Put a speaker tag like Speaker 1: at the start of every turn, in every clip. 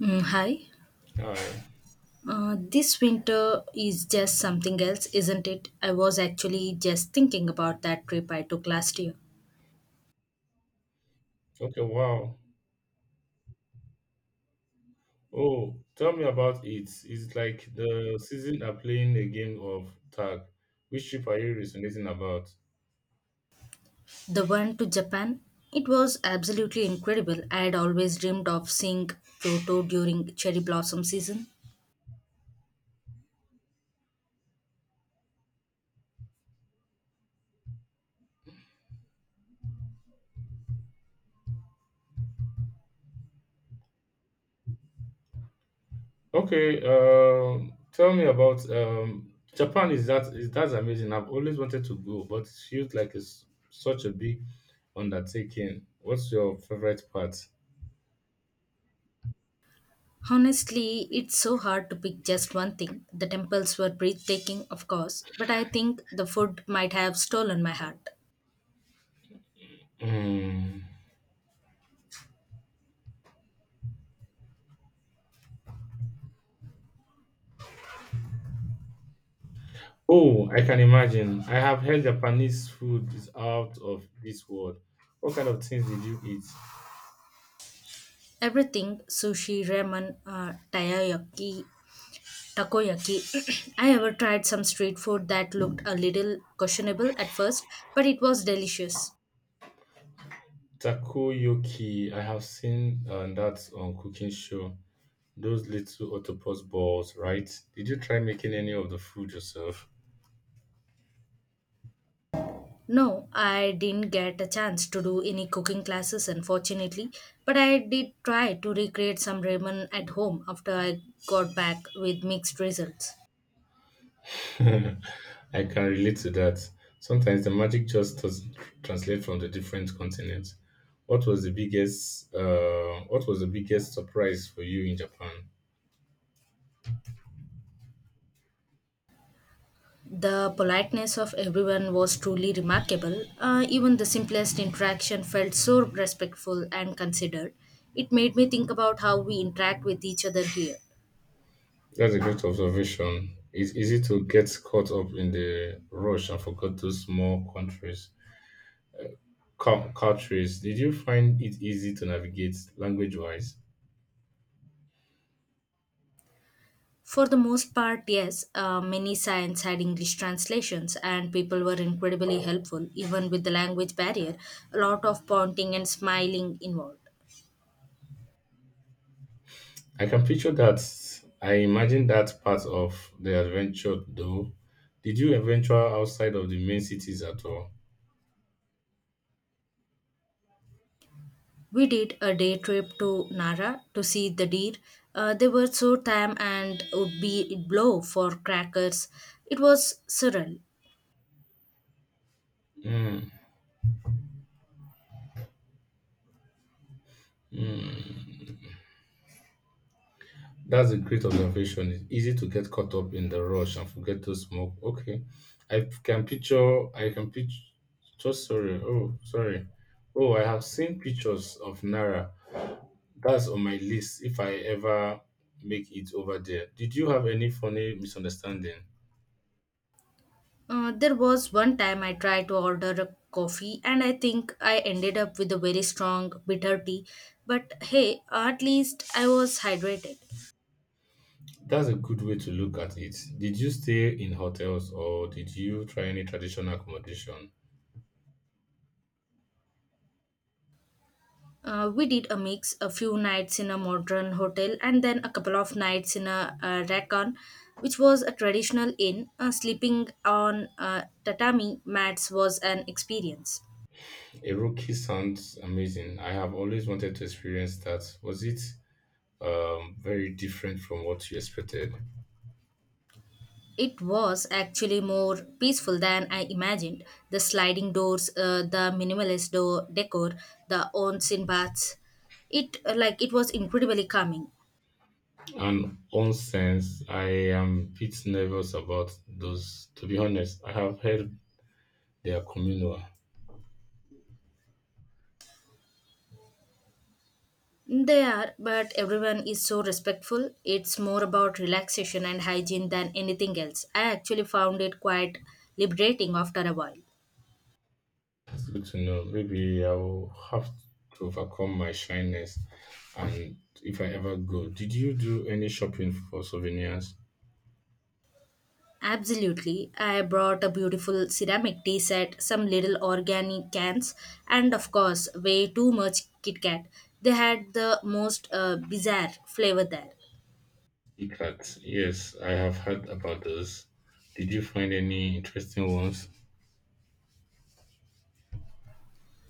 Speaker 1: Hi.
Speaker 2: Hi.
Speaker 1: This winter is just something else, isn't it? I was actually just thinking about that trip I took last year.
Speaker 2: Okay, wow. Oh, tell me about it. It's like the season are playing a game of tag. Which ship are you resonating about?
Speaker 1: The one to Japan. It was absolutely incredible. I had always dreamed of seeing Kyoto during cherry blossom season.
Speaker 2: Okay, tell me about Japan is that's amazing. I've always wanted to go, but it feels like it's such a big undertaking. What's your favorite part?
Speaker 1: Honestly, it's so hard to pick just one thing. The temples were breathtaking, of course, but I think the food might have stolen my heart.
Speaker 2: Mm. Oh, I can imagine. I have heard Japanese food is out of this world. What kind of things did you eat?
Speaker 1: Everything sushi, ramen, takoyaki, I ever tried some street food that looked a little questionable at first, but it was delicious.
Speaker 2: Takoyaki, I have seen that on cooking show. Those little octopus balls, right? Did you try making any of the food yourself?
Speaker 1: No, I didn't get a chance to do any cooking classes, unfortunately, but I did try to recreate some ramen at home after I got back with mixed results.
Speaker 2: I can relate to that. Sometimes the magic just does translate from the different continents. What was the biggest What was the biggest surprise for you in Japan?
Speaker 1: The politeness of everyone was truly remarkable. Even the simplest interaction felt so respectful and considered. It made me think about how we interact with each other here.
Speaker 2: That's a great observation. It's easy to get caught up in the rush and forget those small countries. Countries, did you find it easy to navigate language wise?
Speaker 1: For the most part, yes, many sites had English translations, and people were incredibly helpful, even with the language barrier. A lot of pointing and smiling involved.
Speaker 2: I can picture that. I imagine that part of the adventure though. Did you venture outside of the main cities at all?
Speaker 1: We did a day trip to Nara to see the deer. They were so tame and would be blow for crackers. It was surreal.
Speaker 2: That's a great observation. It's easy to get caught up in the rush and forget to smoke. Okay. I can picture, sorry. Oh, sorry. Oh, I have seen pictures of Nara. That's on my list if I ever make it over there. Did you have any funny misunderstanding?
Speaker 1: There was one time I tried to order a coffee, and I think I ended up with a very strong bitter tea. But hey, at least I was hydrated.
Speaker 2: That's a good way to look at it. Did you stay in hotels or did you try any traditional accommodation?
Speaker 1: We did a mix, a few nights in a modern hotel and then a couple of nights in a, racon, which was a traditional inn. Sleeping on tatami mats was an experience.
Speaker 2: A rookie sounds amazing. I have always wanted to experience that. Was it very different from what you expected?
Speaker 1: It was actually more peaceful than I imagined. The sliding doors, the minimalist door decor, the onsen baths. It was incredibly calming.
Speaker 2: And onsense, I am a bit nervous about those. To be honest, I have heard they are communal.
Speaker 1: They are, but everyone is so respectful. It's more about relaxation and hygiene than anything else. I actually found it quite liberating after a while.
Speaker 2: It's good to know. Maybe I'll have to overcome my shyness and if I ever go. Did you do any shopping for souvenirs?
Speaker 1: Absolutely. I brought a beautiful ceramic tea set, some little organic cans, and of course, way too much Kit Kat. They had the most bizarre flavor there.
Speaker 2: Ikat? Yes, I have heard about those. Did you find any interesting ones?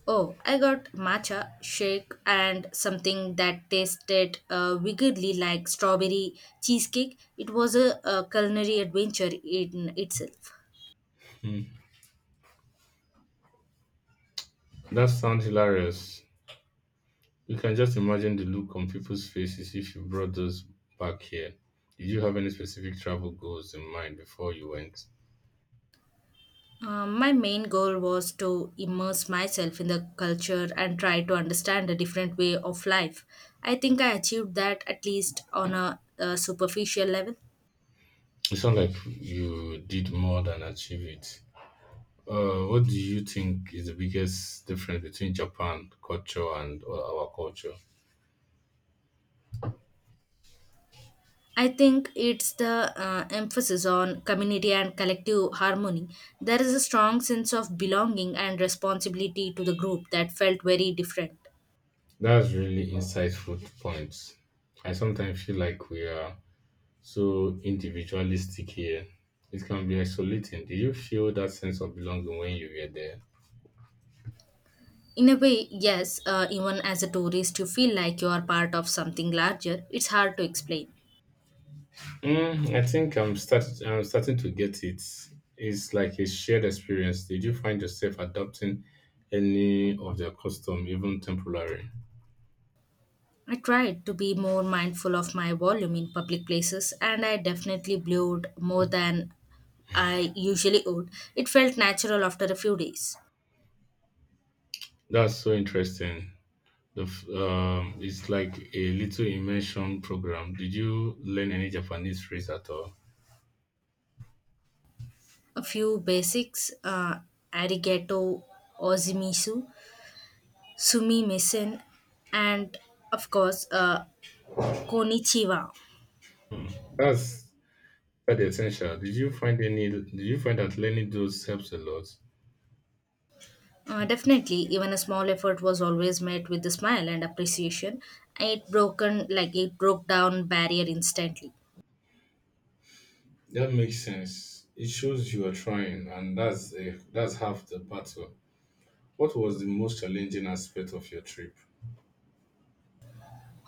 Speaker 1: Oh, I got matcha shake and something that tasted weirdly like strawberry cheesecake. It was a culinary adventure in itself.
Speaker 2: That sounds hilarious. You can just imagine the look on people's faces if you brought those back here. Did you have any specific travel goals in mind before you went?
Speaker 1: My main goal was to immerse myself in the culture and try to understand a different way of life. I think I achieved that at least on a superficial level.
Speaker 2: It sounds like you did more than achieve it. What do you think is the biggest difference between Japan culture and our culture?
Speaker 1: I think it's the emphasis on community and collective harmony. There is a strong sense of belonging and responsibility to the group that felt very different.
Speaker 2: That's really insightful points. I sometimes feel like we are so individualistic here. It can be isolating. Did you feel that sense of belonging when you were there?
Speaker 1: In a way, yes, even as a tourist, you feel like you are part of something larger. It's hard to explain.
Speaker 2: Mm, I think I'm starting to get it. It's like a shared experience. Did you find yourself adopting any of their custom, even temporary?
Speaker 1: I tried to be more mindful of my volume in public places, and I definitely blew more than I usually would. It felt natural after a few days.
Speaker 2: That's so interesting. It's like a little immersion program. Did you learn any Japanese phrase at all?
Speaker 1: A few basics Arigato Ozimisu, Sumi Misen, and of course, Konichiwa.
Speaker 2: That's quite essential. Did you find any? Did you find that learning those helps a lot?
Speaker 1: Definitely, even a small effort was always met with a smile and appreciation. It broke down barrier instantly.
Speaker 2: That makes sense. It shows you are trying, and that's half the battle. What was the most challenging aspect of your trip?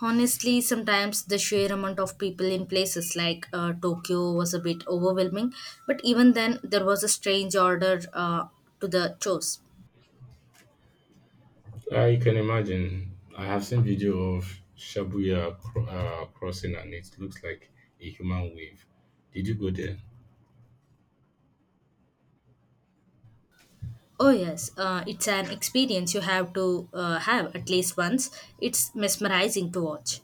Speaker 1: Honestly, sometimes the sheer amount of people in places like Tokyo was a bit overwhelming, but even then, there was a strange order to the chores.
Speaker 2: I can imagine. I have seen video of Shibuya crossing, and it looks like a human wave. Did you go there?
Speaker 1: Oh, yes. It's an experience you have to have at least once. It's mesmerizing to watch.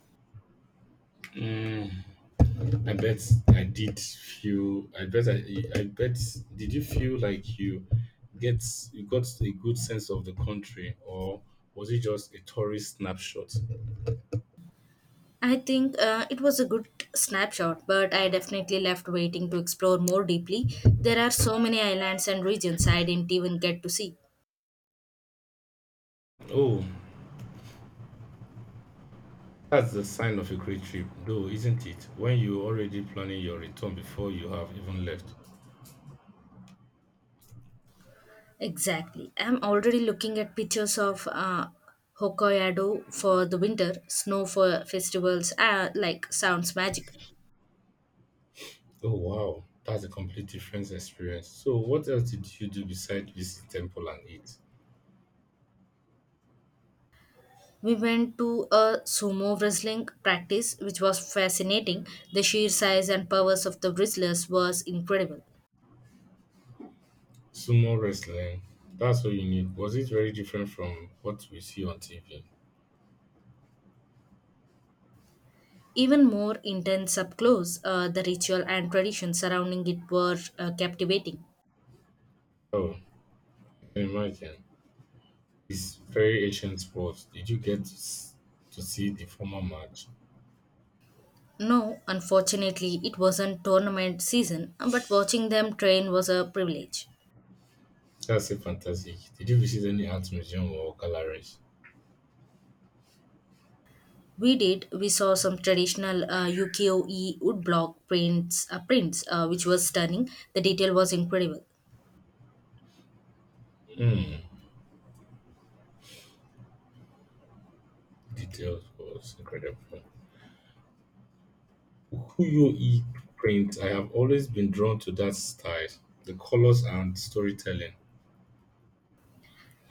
Speaker 2: Mm, I bet I did feel. I bet I. I bet. Did you feel like get you got a good sense of the country, or was it just a tourist snapshot?
Speaker 1: I think it was a good snapshot, but I definitely left waiting to explore more deeply. There are so many islands and regions I didn't even get to see.
Speaker 2: Oh, that's the sign of a great trip, though, isn't it? When you're already planning your return before you have even left.
Speaker 1: Exactly. I'm already looking at pictures of Hokkaido for the winter, snow for festivals, like sounds magic.
Speaker 2: Oh wow, that's a complete different experience. So, what else did you do besides visit temple and eat?
Speaker 1: We went to a sumo wrestling practice, which was fascinating. The sheer size and powers of the wrestlers was incredible.
Speaker 2: Sumo wrestling. That's what you need. Was it very different from what we see on TV?
Speaker 1: Even more intense up close, the ritual and tradition surrounding it were captivating.
Speaker 2: Oh, imagine it's very ancient sport. Did you get to see the former match?
Speaker 1: No, unfortunately, it wasn't tournament season, but watching them train was a privilege.
Speaker 2: That's a fantastic. Did you visit any art museum or galleries?
Speaker 1: We did. We saw some traditional Yukio-e woodblock prints, which was stunning. The detail was incredible.
Speaker 2: Hmm, details was incredible. Uyo-e print. I have always been drawn to that style, the colors and storytelling.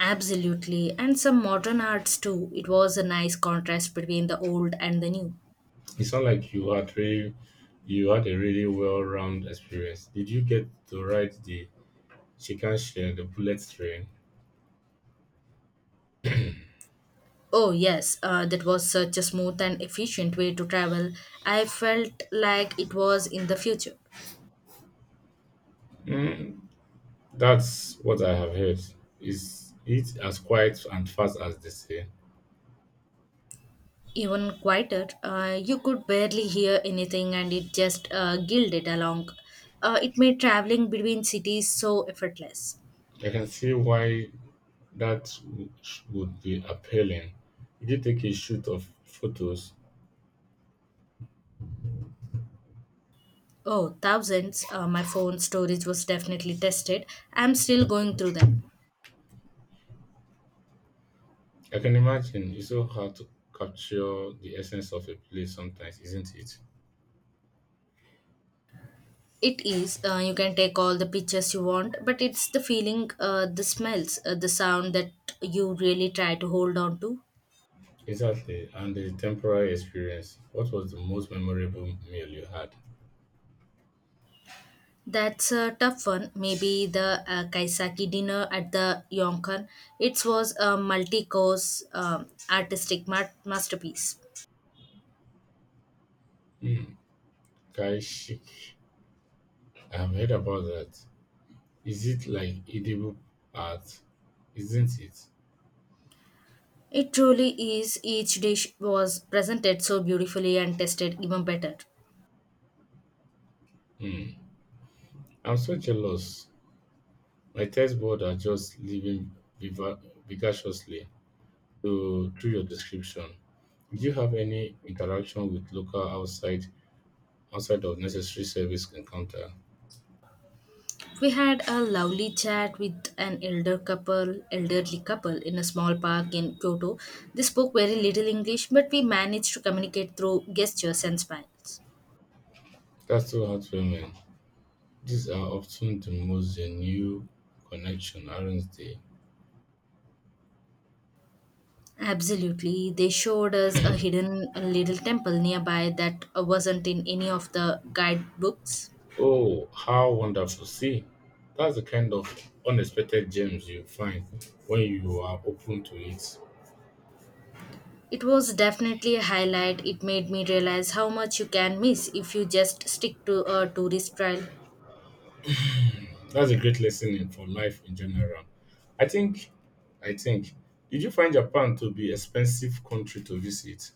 Speaker 1: Absolutely, and some modern arts too. It was a nice contrast between the old and the new.
Speaker 2: It sounds like you had a really well-round experience. Did you get to ride the Shinkansen, the bullet train?
Speaker 1: Oh, yes, that was such a smooth and efficient way to travel. I felt like it was in the future.
Speaker 2: That's what I have heard. Is it as quiet and fast as they say?
Speaker 1: Even quieter, you could barely hear anything and it just gilded along. It made traveling between cities so effortless.
Speaker 2: I can see why that w- would be appealing. If you take a shoot of photos,
Speaker 1: Oh, thousands. My phone storage was definitely tested. I'm still going through them.
Speaker 2: I can imagine it's so hard to capture the essence of a place sometimes, isn't it?
Speaker 1: It is. You can take all the pictures you want, but it's the feeling, the smells, the sound that you really try to hold on to.
Speaker 2: Exactly, and the temporary experience. What was the most memorable meal you had?
Speaker 1: That's a tough one. Maybe the Kaisaki dinner at the Yonkan. It was a multi-course artistic masterpiece.
Speaker 2: Hmm, Kai Shik. I have heard about that. Is it like edible art? Isn't it?
Speaker 1: It truly is. Each dish was presented so beautifully and tasted even better.
Speaker 2: Hmm. I'm so jealous. My text board are just living viva- vigaciously through your description. Do you have any interaction with local outside of necessary service encounter?
Speaker 1: We had a lovely chat with an elderly couple in a small park in Kyoto. They spoke very little English, but we managed to communicate through gestures and smiles.
Speaker 2: That's so heartwarming. These are often the most genuine connection, aren't they?
Speaker 1: Absolutely. They showed us a hidden little temple nearby that wasn't in any of the guidebooks.
Speaker 2: Oh, how wonderful. See, that's the kind of unexpected gems you find when you are open to it.
Speaker 1: It was definitely a highlight. It made me realize how much you can miss if you just stick to a tourist trail.
Speaker 2: That's a great lesson in for life in general. I think I think Did you find Japan to be expensive country to visit?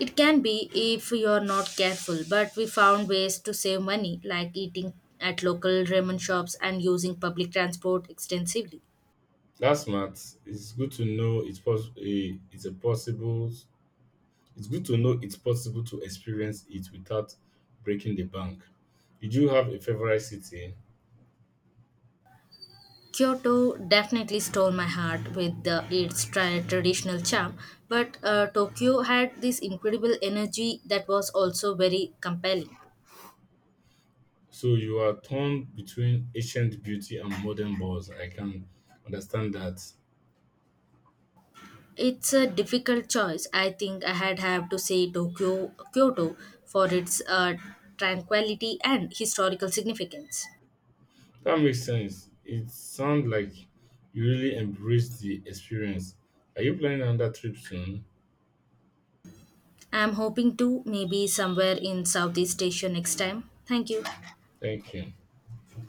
Speaker 1: It can be if you're not careful, but we found ways to save money, like eating at local ramen shops and using public transport extensively.
Speaker 2: That's smart. It's good to know it's pos- a, it's a possible It's good to know it's possible to experience it without breaking the bank. Did you have a favorite city?
Speaker 1: Kyoto definitely stole my heart with its traditional charm, but Tokyo had this incredible energy that was also very compelling.
Speaker 2: So you are torn between ancient beauty and modern balls. I can understand that.
Speaker 1: It's a difficult choice. I think I had have to say Tokyo Kyoto for its tranquility and historical significance.
Speaker 2: That makes sense. It sounds like you really embraced the experience. Are you planning another trip soon?
Speaker 1: I'm hoping to, maybe somewhere in Southeast Asia next time. Thank you.
Speaker 2: Thank you.